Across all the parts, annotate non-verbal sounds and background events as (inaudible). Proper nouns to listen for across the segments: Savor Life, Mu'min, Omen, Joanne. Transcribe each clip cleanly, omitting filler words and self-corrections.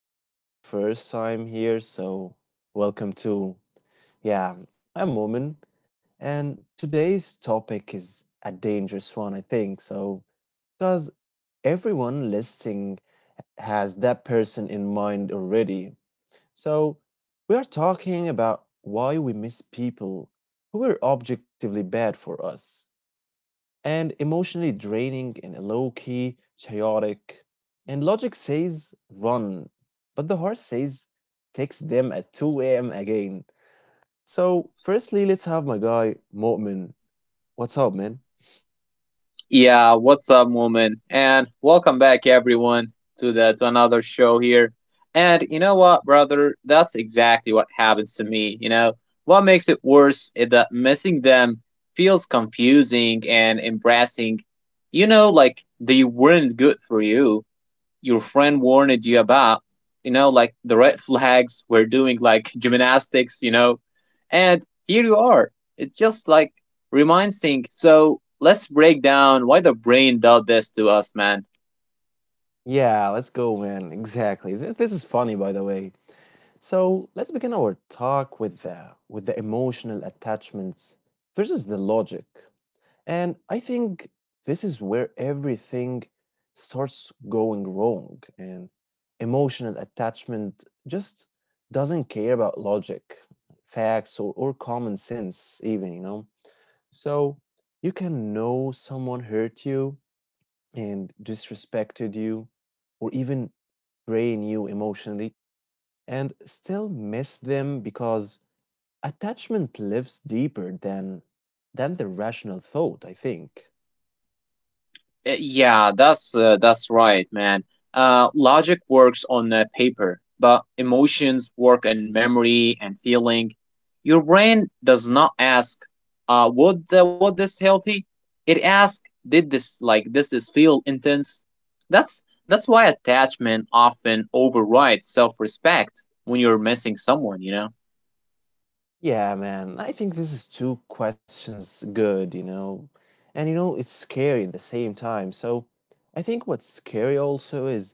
And if it's your first time here, welcome too. Yeah, I'm Omen, and today's topic is a dangerous one, I think. So, because everyone listening has that person in mind already. So, we are talking about why we miss people who were objectively bad for us and emotionally draining and low key, chaotic. And logic says run, but the heart says text them at 2 a.m. again. So, firstly, let's have my guy, Mu'min. What's up, man? Yeah, what's up, woman? And welcome back, everyone, to the to another show here. And you know what, brother? That's exactly what happens to me. You know what makes it worse is that missing them feels confusing and embarrassing. You know, like they weren't good for you, your friend warned you about, you know, like the red flags were doing like gymnastics, you know, and here you are. It's just like reminding. So let's break down why the brain does this to us, man. Yeah, let's go, man. Exactly. This is funny, by the way. So, let's begin our talk with the emotional attachments versus the logic. And I think this is where everything starts going wrong. And emotional attachment just doesn't care about logic, facts, or common sense, even, you know. So you can know someone hurt you and disrespected you, or even drain you emotionally, and still miss them because attachment lives deeper than the rational thought, I think. Yeah, that's right, man. Logic works on paper, but emotions work on memory and feeling. Your brain does not ask, "Would this healthy?" It asks, "Did this is feel intense?" That's why attachment often overrides self-respect when you're missing someone. You know. Yeah, man. I think this is two questions good, you know. And you know, it's scary at the same time. So I think what's scary also is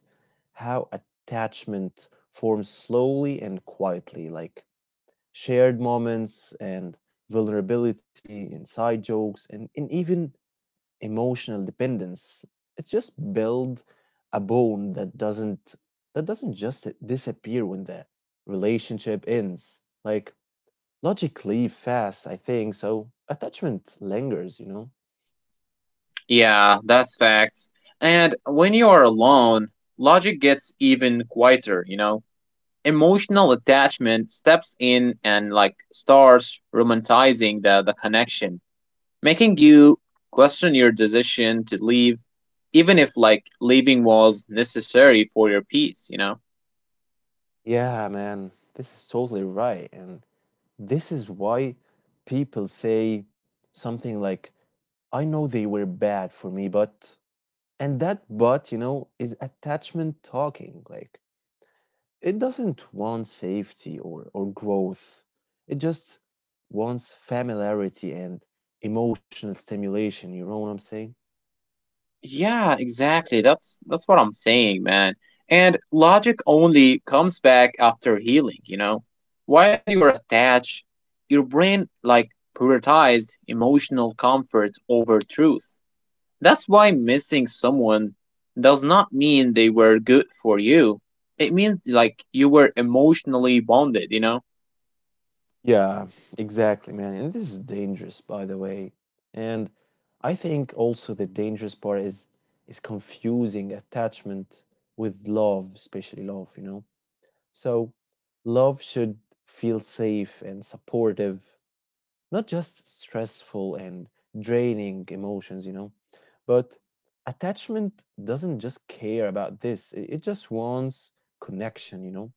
how attachment forms slowly and quietly, like shared moments and vulnerability, inside jokes, and even emotional dependence. It's just build a bone that doesn't just disappear when the relationship ends. Like logically fast, I think, so attachment lingers, you know? Yeah, that's facts. And when you are alone, logic gets even quieter. You know, emotional attachment steps in and like starts romanticizing the connection, making you question your decision to leave, even if like leaving was necessary for your peace, you know? Yeah, man, this is totally right. And this is why people say something like, I know they were bad for me, but. And that but, you know, is attachment talking. Like, it doesn't want safety or growth, it just wants familiarity and emotional stimulation. You know what I'm saying? Yeah, exactly. That's what I'm saying, man. And logic only comes back after healing, you know? While you're attached, your brain like prioritized emotional comfort over truth. That's why missing someone does not mean they were good for you. It means like you were emotionally bonded, you know? Yeah, exactly, man. And this is dangerous, by the way. And I think also the dangerous part is confusing attachment with love, especially love, you know. So love should feel safe and supportive, not just stressful and draining emotions, you know. But attachment doesn't just care about this. It just wants connection, you know.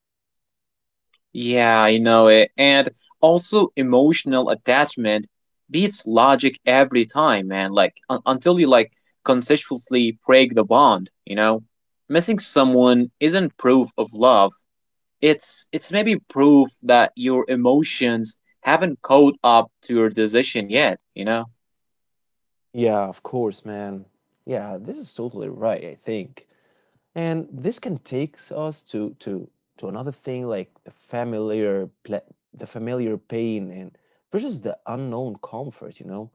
Yeah, I know it. And also, emotional attachment beats logic every time, man. Like, until you like consciously break the bond, you know? Missing someone isn't proof of love. It's maybe proof that your emotions haven't caught up to your decision yet, you know? Yeah, of course, man. Yeah, this is totally right, I think. And this can take us to another thing like the the familiar pain and versus the unknown comfort, you know.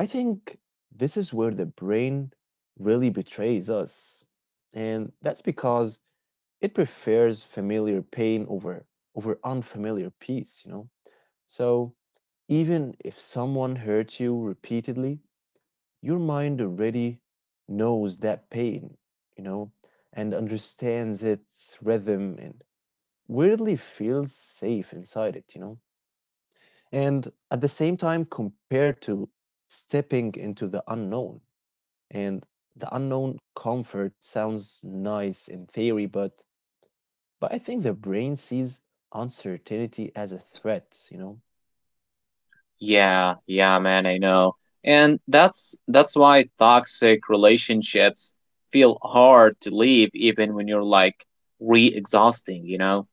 I think this is where the brain really betrays us. And that's because it prefers familiar pain over unfamiliar peace, you know. So even if someone hurts you repeatedly, your mind already knows that pain, you know, and understands its rhythm and weirdly feels safe inside it, you know. And at the same time, compared to stepping into the unknown, and the unknown comfort sounds nice in theory, but I think the brain sees uncertainty as a threat, you know. Yeah, yeah, man, I know. And that's why toxic relationships feel hard to leave even when you're like re-exhausting, you know?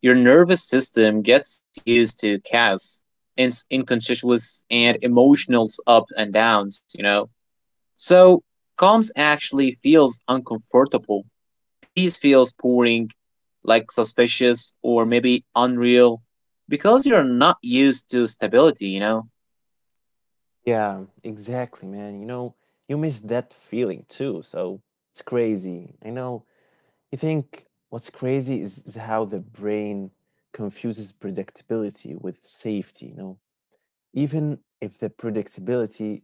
Your nervous system gets used to chaos, in inconspicuous and emotional ups and downs, you know? So calms actually feels uncomfortable. Peace feels boring, like suspicious or maybe unreal, because you're not used to stability, you know? Yeah, exactly, man. You know, you miss that feeling too, so it's crazy. I know I think what's crazy is how the brain confuses predictability with safety, you know, even if the predictability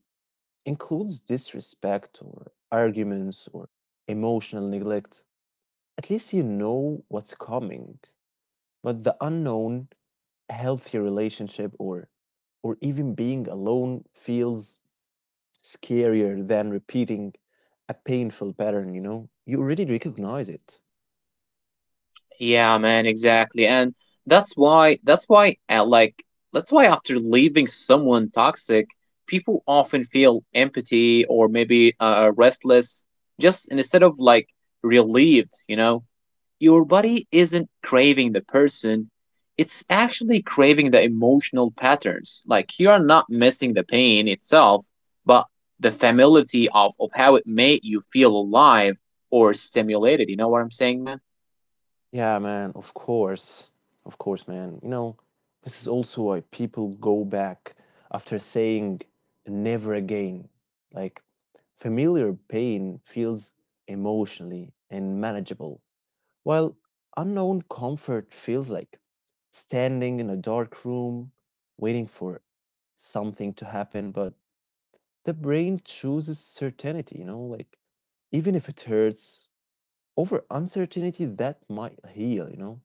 includes disrespect or arguments or emotional neglect, at least you know what's coming. But the unknown, a healthy relationship or even being alone feels scarier than repeating a painful pattern, you know? You already recognize it. Yeah, man, exactly. And that's why that's why uh, like that's why after leaving someone toxic, people often feel empathy or maybe restless just and instead of like relieved, you know? Your body isn't craving the person, it's actually craving the emotional patterns. Like you are not missing the pain itself, but the familiarity of how it made you feel alive or stimulated. You know what I'm saying, man? Yeah, man, of course. Of course, man. You know, this is also why people go back after saying never again. Like, familiar pain feels emotionally and manageable, while unknown comfort feels like standing in a dark room waiting for something to happen. But the brain chooses certainty, you know, like, even if it hurts, over uncertainty that might heal, you know?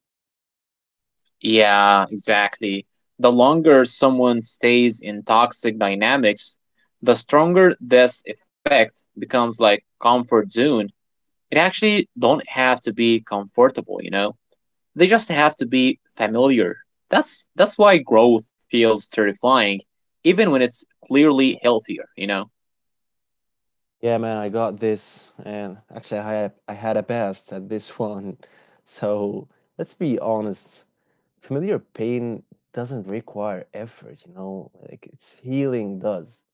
Yeah, exactly. The longer someone stays in toxic dynamics, the stronger this effect becomes like comfort zone. It actually don't have to be comfortable, you know. They just have to be familiar. That's why growth feels terrifying even when it's clearly healthier, you know. Yeah, man, I got this, and actually, I had a best at this one. (laughs) So let's be honest, familiar pain doesn't require effort, you know, like it's healing does.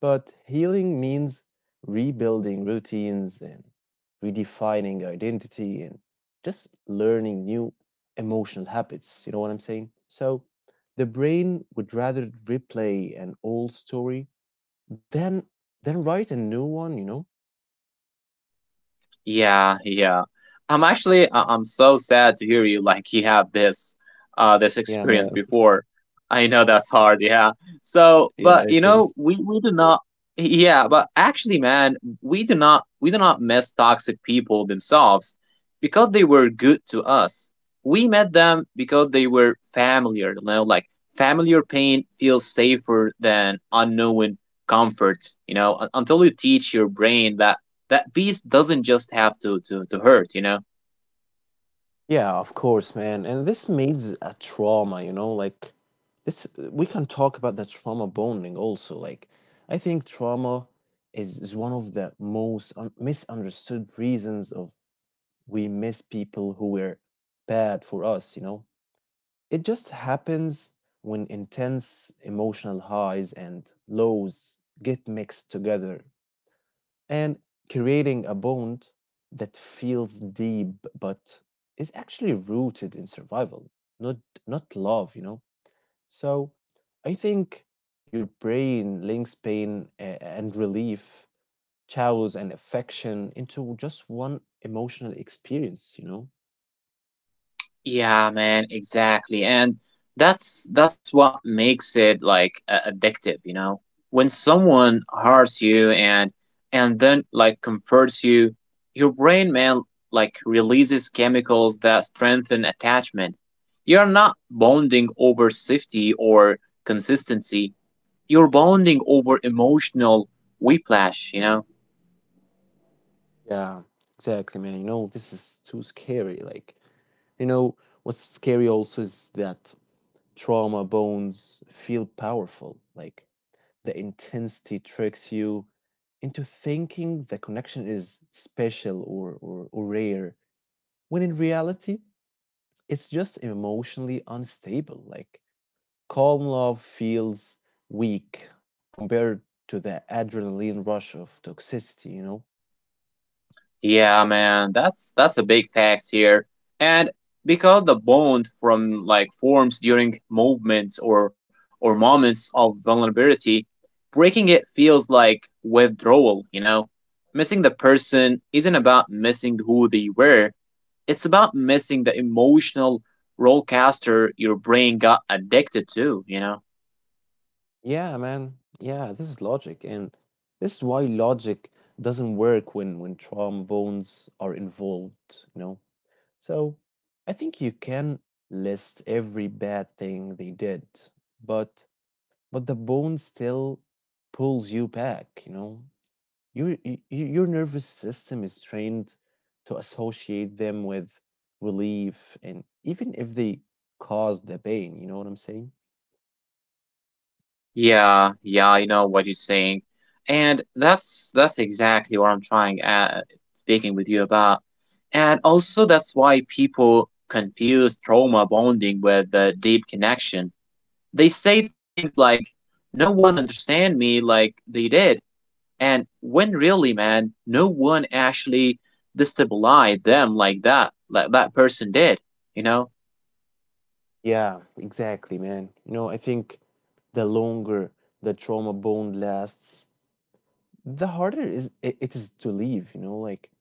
But healing means rebuilding routines and redefining identity and just learning new emotional habits. You know what I'm saying? So the brain would rather replay an old story than than write a new one, you know. Yeah, yeah. I'm actually I'm so sad to hear you like you have this this Yeah, experience man. before. I know that's hard, yeah. So, but Yeah, you it know, is. we do not, yeah, but actually man, we do not miss toxic people themselves because they were good to us. We met them because they were familiar, you know, like familiar pain feels safer than unknown comfort, you know, until you teach your brain that beast doesn't just have to hurt, you know. Yeah, of course, man. And this means a trauma, you know, like this we can talk about the trauma bonding also. Like I think trauma is one of the most misunderstood reasons of we miss people who were bad for us, you know. It just happens when intense emotional highs and lows get mixed together and creating a bond that feels deep but is actually rooted in survival not love, you know. So I think your brain links pain and relief, chows and affection into just one emotional experience, you know. Yeah, man, exactly. And that's what makes it like addictive, you know. When someone hurts you and then like comforts you, your brain, man, like releases chemicals that strengthen attachment. You're not bonding over safety or consistency, you're bonding over emotional whiplash, you know. Yeah, exactly, man. You know, this is too scary. Like, you know, what's scary also is that trauma bonds feel powerful. Like the intensity tricks you into thinking the connection is special or rare, when in reality, it's just emotionally unstable. Like, calm love feels weak compared to the adrenaline rush of toxicity, you know? Yeah, man, that's a big fact here. And because the bond from like forms during movements or moments of vulnerability, breaking it feels like withdrawal, you know? Missing the person isn't about missing who they were. It's about missing the emotional rollercoaster your brain got addicted to, you know? Yeah, man. Yeah, this is logic. And this is why logic doesn't work when trombones are involved, you know? So I think you can list every bad thing they did, but but the bone still pulls you back, you know? Your nervous system is trained to associate them with relief, and even if they cause the pain, you know what I'm saying? Yeah, yeah, I know what you're saying. And that's exactly what I'm trying at speaking with you about. And also that's why people confuse trauma bonding with the deep connection. They say things like no one understand me like they did. And when really, man, no one actually destabilized them like that person did, you know? Yeah, exactly, man. You know, I think the longer the trauma bond lasts, the harder it is to leave, you know, like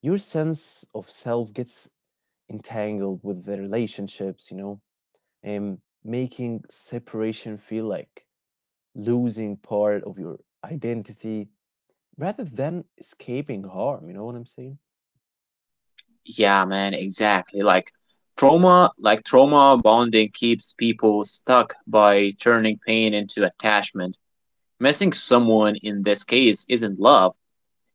your sense of self gets entangled with their relationships, you know, and making separation feel like losing part of your identity rather than escaping harm. You know what I'm saying? Yeah, man, exactly. Like trauma bonding keeps people stuck by turning pain into attachment. Missing someone in this case isn't love.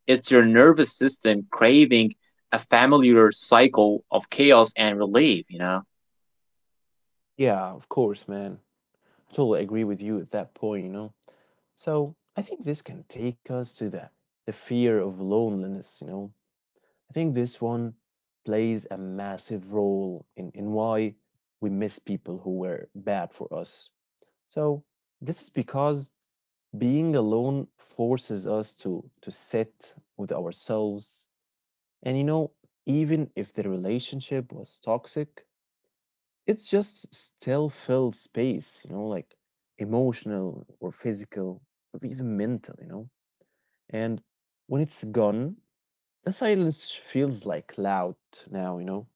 It's your nervous system craving a familiar cycle of chaos and relief, you know? Yeah, of course, man. I totally agree with you at that point, you know. So I think this can take us to the fear of loneliness, you know. I think this one plays a massive role in why we miss people who were bad for us. So this is because being alone forces us to sit with ourselves, and you know, even if the relationship was toxic, it's just still filled space, you know, like emotional or physical or even mental, you know. And when it's gone, the silence feels like loud now, you know.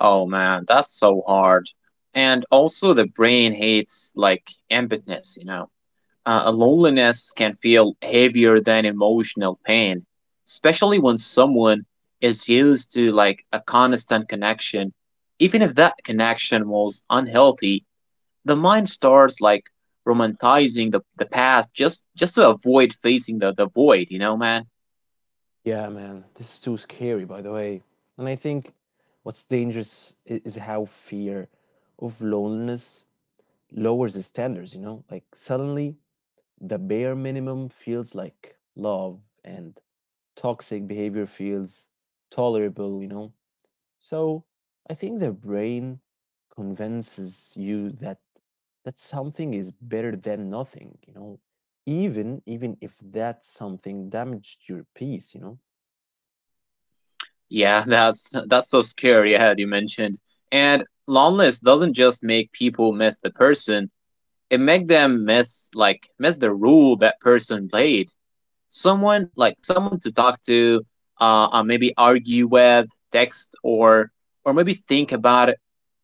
Oh man, that's so hard. And also the brain hates like emptiness, you know? Loneliness can feel heavier than emotional pain, especially when someone is used to like a constant connection. Even if that connection was unhealthy, the mind starts like romanticizing the past just to avoid facing the void, you know, man? Yeah, man, this is too scary, by the way. And I think what's dangerous is how fear of loneliness lowers the standards, you know? Like suddenly the bare minimum feels like love and toxic behavior feels tolerable, you know? So I think the brain convinces you that something is better than nothing, you know? Even if that something damaged your peace, you know? Yeah, (laughs) that's so scary, yeah, you mentioned. And loneliness doesn't just make people miss the person, it make them miss the role that person played, someone to talk to, maybe argue with, text, or maybe think about it.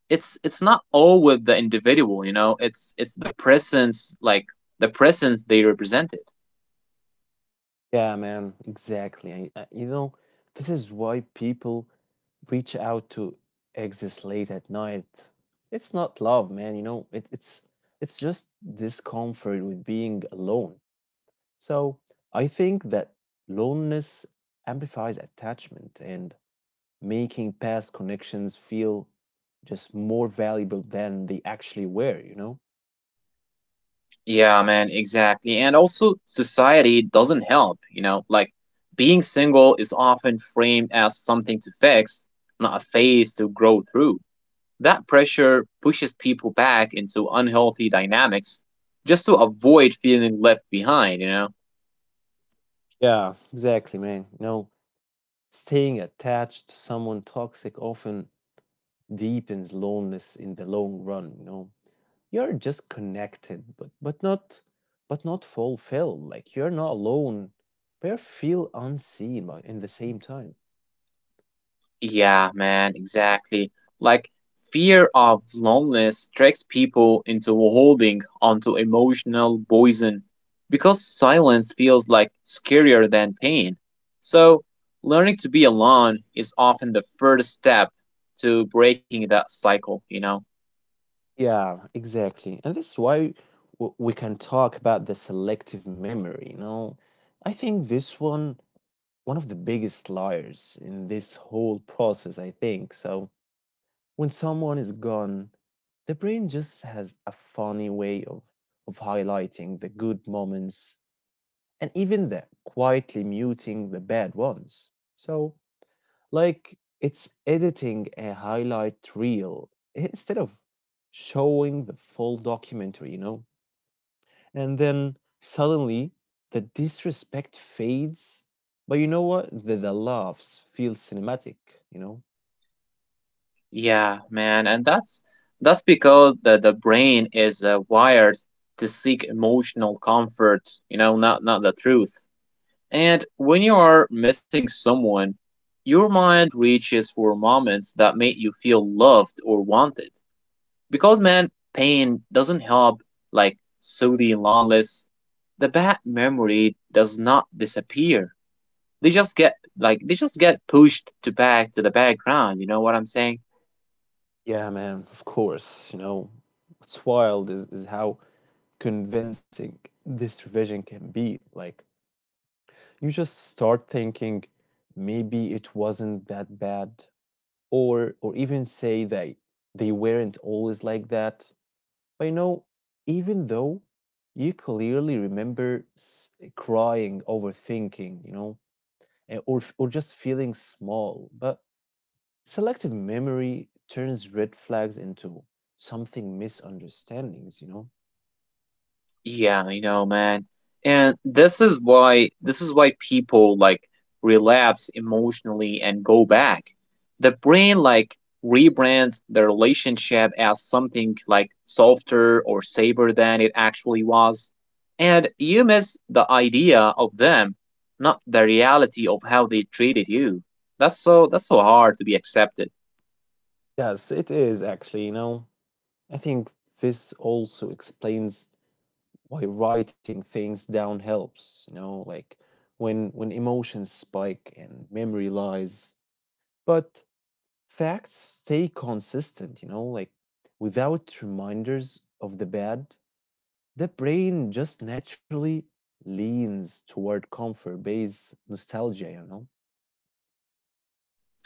It's not all with the individual, you know. It's the presence, like the presence they represented. Yeah, man, exactly. You know, this is why people reach out to exes late at night. It's not love, man, you know. It's it's just discomfort with being alone. So I think that loneliness amplifies attachment and making past connections feel just more valuable than they actually were, you know? Yeah, man, exactly. And also, society doesn't help, you know, like being single is often framed as something to fix, not a phase to grow through. That pressure pushes people back into unhealthy dynamics just to avoid feeling left behind, you know? Yeah, exactly, man. You know, staying attached to someone toxic often deepens loneliness in the long run, you know? You're just connected but not fulfilled. Like you're not alone but you feel unseen but in the same time. Yeah, man, exactly. Like, fear of loneliness tricks people into holding onto emotional poison because silence feels like scarier than pain. So, learning to be alone is often the first step to breaking that cycle, you know? Yeah, exactly, and this is why we can talk about the selective memory, you know. I think this one one of the biggest liars in this whole process, I think. So when someone is gone, the brain just has a funny way of highlighting the good moments and even the quietly muting the bad ones. So, like it's editing a highlight reel instead of showing the full documentary, you know? And then suddenly the disrespect fades, but you know what? The laughs feel cinematic, you know? Yeah, man, and that's because the brain is wired to seek emotional comfort, you know, not the truth. And when you are missing someone, your mind reaches for moments that make you feel loved or wanted. Because man, pain doesn't help like soothing loneliness. The bad memory does not disappear. They just get pushed to back to the background, you know what I'm saying? Yeah, man, of course. You know, what's wild is how convincing this revision can be. Like, you just start thinking maybe it wasn't that bad, or even say they weren't always like that. But you know, even though you clearly remember crying, overthinking, you know, or just feeling small, but selective memory turns red flags into something misunderstandings, you know? Yeah, I know, man. And this is why people like relapse emotionally and go back. The brain like rebrands the relationship as something like softer or safer than it actually was. And you miss the idea of them, not the reality of how they treated you. That's so hard to be accepted. Yes, it is actually, you know. I think this also explains why writing things down helps, you know, like when emotions spike and memory lies. But facts stay consistent, you know, like without reminders of the bad, the brain just naturally leans toward comfort-based nostalgia, you know?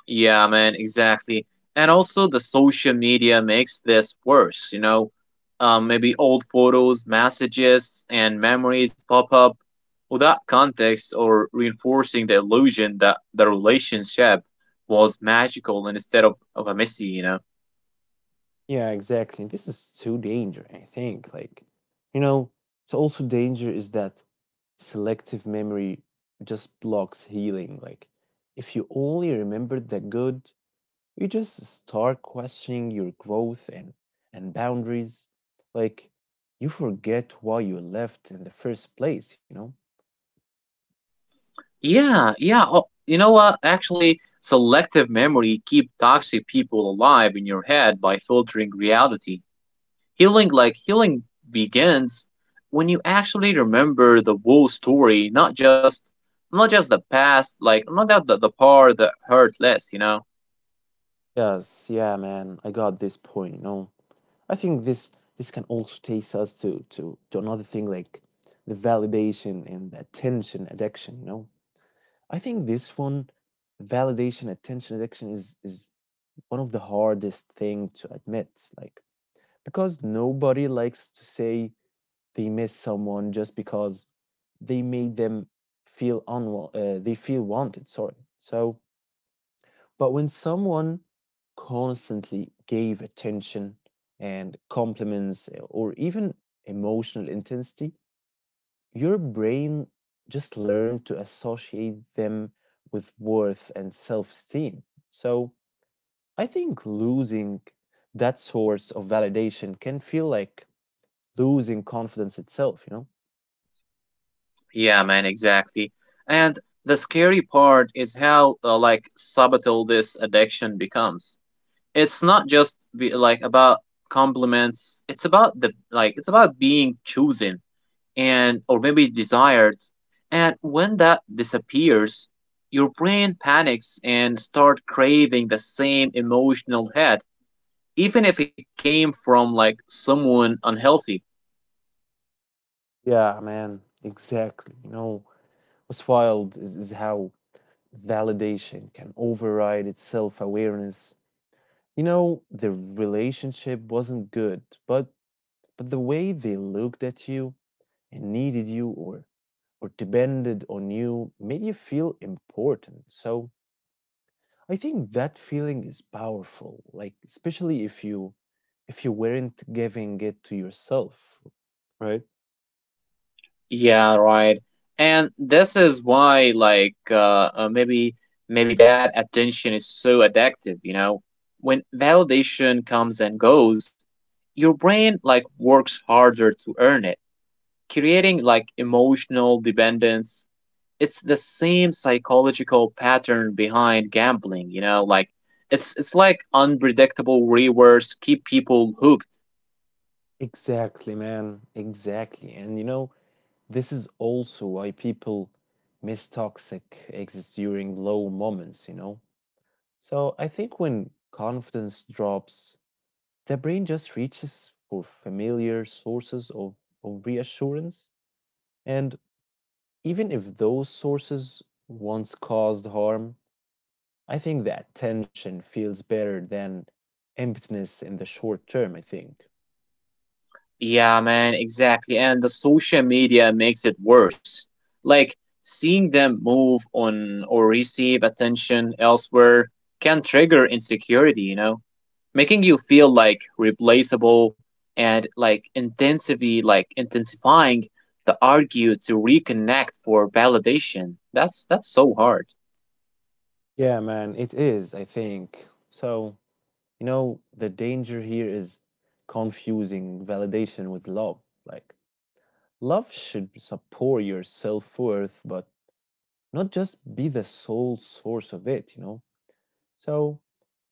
Yeah, man, exactly. And also, the social media makes this worse, you know? Maybe old photos, messages, and memories pop up without context or reinforcing the illusion that the relationship was magical instead of a messy, you know? Yeah, exactly. This is too danger, I think. Like, you know, it's also danger is that selective memory just blocks healing. Like, if you only remember the good, you just start questioning your growth and boundaries. Like, you forget why you left in the first place, you know? Yeah, yeah. Oh, you know what? Actually, selective memory keep toxic people alive in your head by filtering reality. Healing like healing begins when you actually remember the whole story, not just the past, like not that the part that hurt less, you know. Yes, yeah, man, I got this point. You know, I think this can also takes us to another thing like the validation and the attention addiction. You know, I think this one, validation, attention addiction is one of the hardest thing to admit. Like because nobody likes to say they miss someone just because they made them they feel wanted sorry so but when someone constantly gave attention and compliments or even emotional intensity your brain just learned to associate them with worth and self-esteem so I think losing that source of validation can feel like losing confidence itself, you know? Yeah, man, exactly. And the scary part is how like subtle this addiction becomes. It's not just be, like about compliments. It's about the like it's about being chosen and or maybe desired, and when that disappears your brain panics and start craving the same emotional hit even if it came from like someone unhealthy. Yeah, man, exactly. You know, what's wild is how validation can override its self-awareness. You know, the relationship wasn't good, but but the way they looked at you and needed you or depended on you made you feel important. So I think that feeling is powerful, like especially if you weren't giving it to yourself, right? Yeah, right. And this is why like maybe bad attention is so addictive, you know. When validation comes and goes, your brain like works harder to earn it, creating like emotional dependence. It's the same psychological pattern behind gambling, you know, like it's like unpredictable rewards keep people hooked. Exactly, man. Exactly. And you know, this is also why people miss toxic exits during low moments, you know? So I think when confidence drops, the brain just reaches for familiar sources of reassurance. And even if those sources once caused harm, I think that tension feels better than emptiness in the short term, I think. Yeah, man, exactly. And the social media makes it worse, like seeing them move on or receive attention elsewhere can trigger insecurity, you know, making you feel like replaceable, and like intensively like intensifying the argue to reconnect for validation. That's so hard. Yeah, man, it is, I think. So. You know, the danger here is confusing validation with love. Like, love should support your self worth, but not just be the sole source of it, you know? So,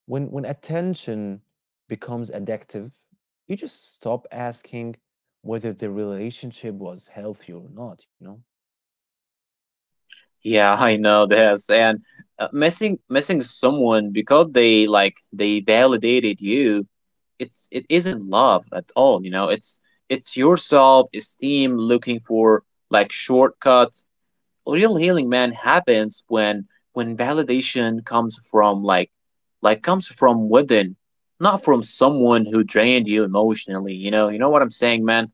when attention becomes addictive, you just stop asking whether the relationship was healthy or not, you know? Yeah, I know this. And missing someone because they like they validated you, it isn't love at all. You know, it's your self esteem looking for like shortcuts. Real healing, man, happens when validation comes from like comes from within, not from someone who drained you emotionally, you know, you know what I'm saying, man?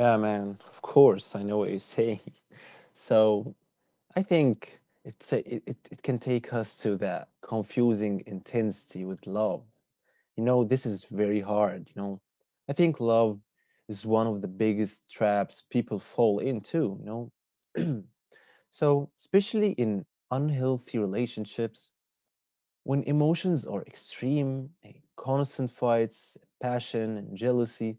Yeah, man. Of course, I know what you're saying. (laughs) So I think it's a, it can take us to that confusing intensity with love. You know, this is very hard. You know, I think love is one of the biggest traps people fall into. You know, (clears throat) so especially in unhealthy relationships, when emotions are extreme, constant fights, passion, and jealousy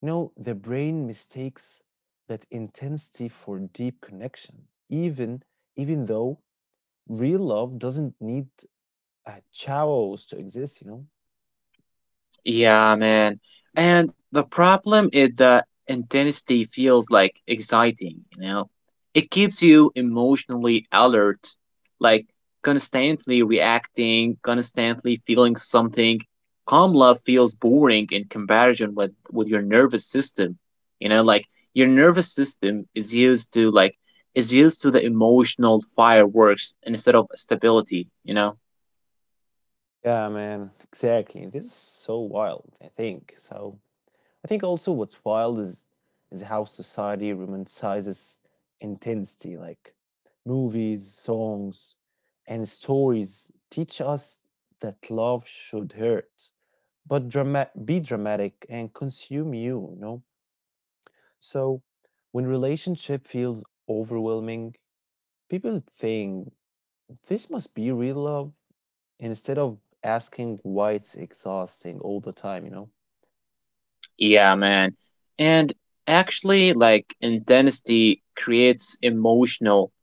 no, the brain mistakes that intensity for deep connection, even even though real love doesn't need chowos to exist, you know? Yeah, man. And the problem is that intensity feels like exciting, you know? It keeps you emotionally alert, like constantly reacting, constantly feeling something. Calm love feels boring in comparison with your nervous system. You know, like your nervous system is used to like is used to the emotional fireworks instead of stability, you know? Yeah, man, exactly. This is so wild, I think. So I think also what's wild is how society romanticizes intensity, like movies, songs, and stories teach us that love should hurt but dramatic, be dramatic and consume you, you know? So when relationship feels overwhelming, people think this must be real love instead of asking why it's exhausting all the time, you know? Yeah, man. And actually, like intensity creates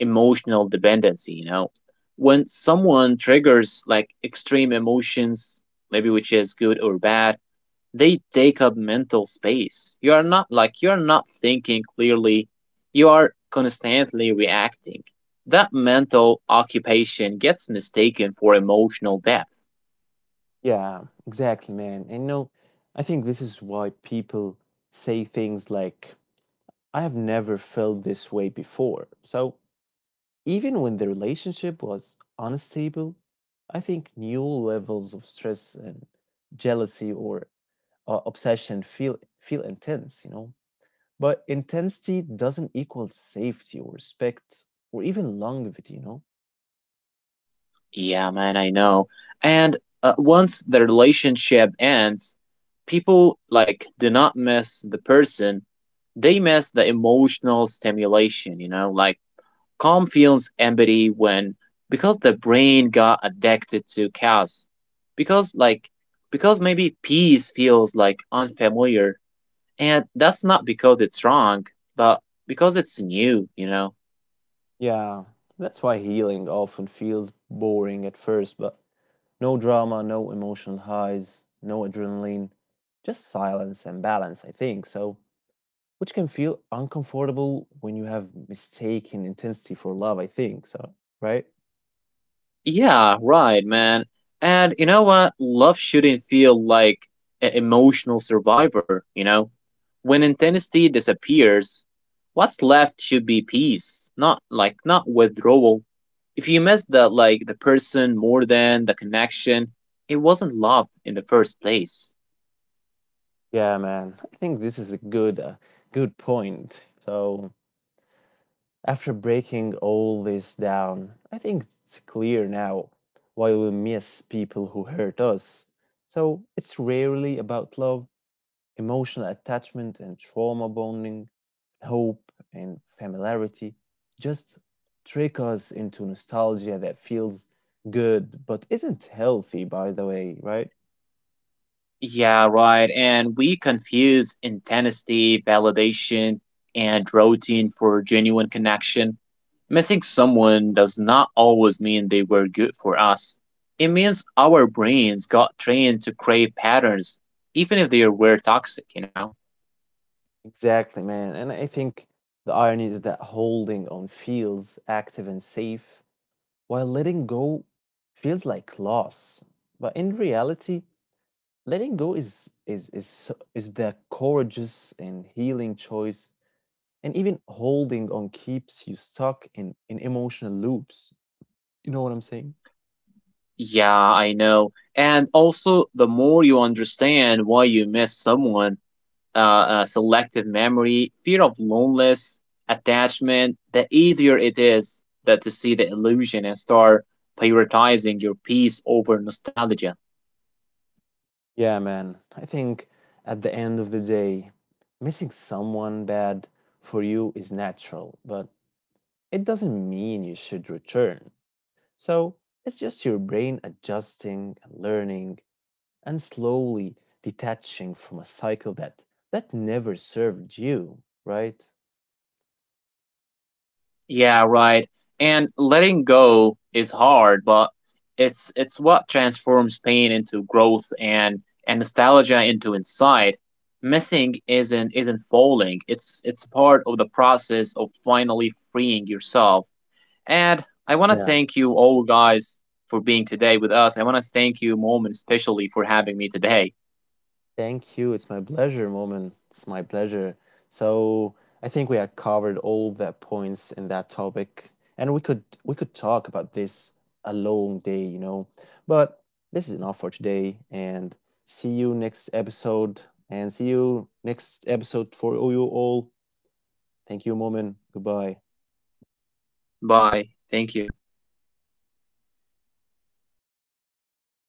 emotional dependency, you know. When someone triggers like extreme emotions, maybe which is good or bad, they take up mental space. You are not like you're not thinking clearly. You are constantly reacting. That mental occupation gets mistaken for emotional depth. Yeah, exactly, man. And no, I think this is why people say things like, I have never felt this way before. So even when the relationship was unstable, I think new levels of stress and jealousy or obsession feel intense, you know. But intensity doesn't equal safety or respect or even longevity, you know. Yeah, man, I know. And once the relationship ends, people like do not miss the person, they miss the emotional stimulation, you know, like calm feels empty when because the brain got addicted to chaos. Because because maybe peace feels like unfamiliar, and that's not because it's wrong, but because it's new, you know. Yeah, that's why healing often feels boring at first, but no drama, no emotional highs, no adrenaline, just silence and balance, I think. So which can feel uncomfortable when you have mistaken intensity for love, I think. So, right? Yeah, right, man. And you know what? Love shouldn't feel like an emotional survivor, you know? When intensity disappears, what's left should be peace, not not withdrawal. If you miss the person more than the connection, it wasn't love in the first place. Yeah, man. I think this is a good point. So, after breaking all this down, I think it's clear now why we miss people who hurt us. So, it's rarely about love emotional attachment and trauma bonding, hope and familiarity just trick us into nostalgia that feels good but isn't healthy, by the way, right? Yeah, right. And we confuse intensity, validation, and routine for genuine connection. Missing someone does not always mean they were good for us. It means our brains got trained to crave patterns, even if they were toxic, you know? Exactly, man. And I think the irony is that holding on feels active and safe, while letting go feels like loss. But in reality, letting go is the courageous and healing choice, and even holding on keeps you stuck in emotional loops. You know what I'm saying? Yeah, I know. And also, the more you understand why you miss someone, selective memory, fear of loneliness, attachment, the easier it is that to see the illusion and start prioritizing your peace over nostalgia. Yeah, man. I think at the end of the day, missing someone bad for you is natural, but it doesn't mean you should return. So, it's just your brain adjusting and learning and slowly detaching from a cycle that that never served you, right? Yeah, right. And letting go is hard, but it's what transforms pain into growth and nostalgia into insight. Missing isn't falling. It's part of the process of finally freeing yourself. And I want to Yeah, thank you all guys for being today with us. I want to thank you, Mom, especially for having me today. thank you. It's my pleasure, Moment. It's my pleasure. So I think we had covered all the points in that topic, and we could talk about this a long day, you know. But this is enough for today, and see you next episode, and see you next episode for you all. Thank you, Moment. Goodbye. Bye. Thank you.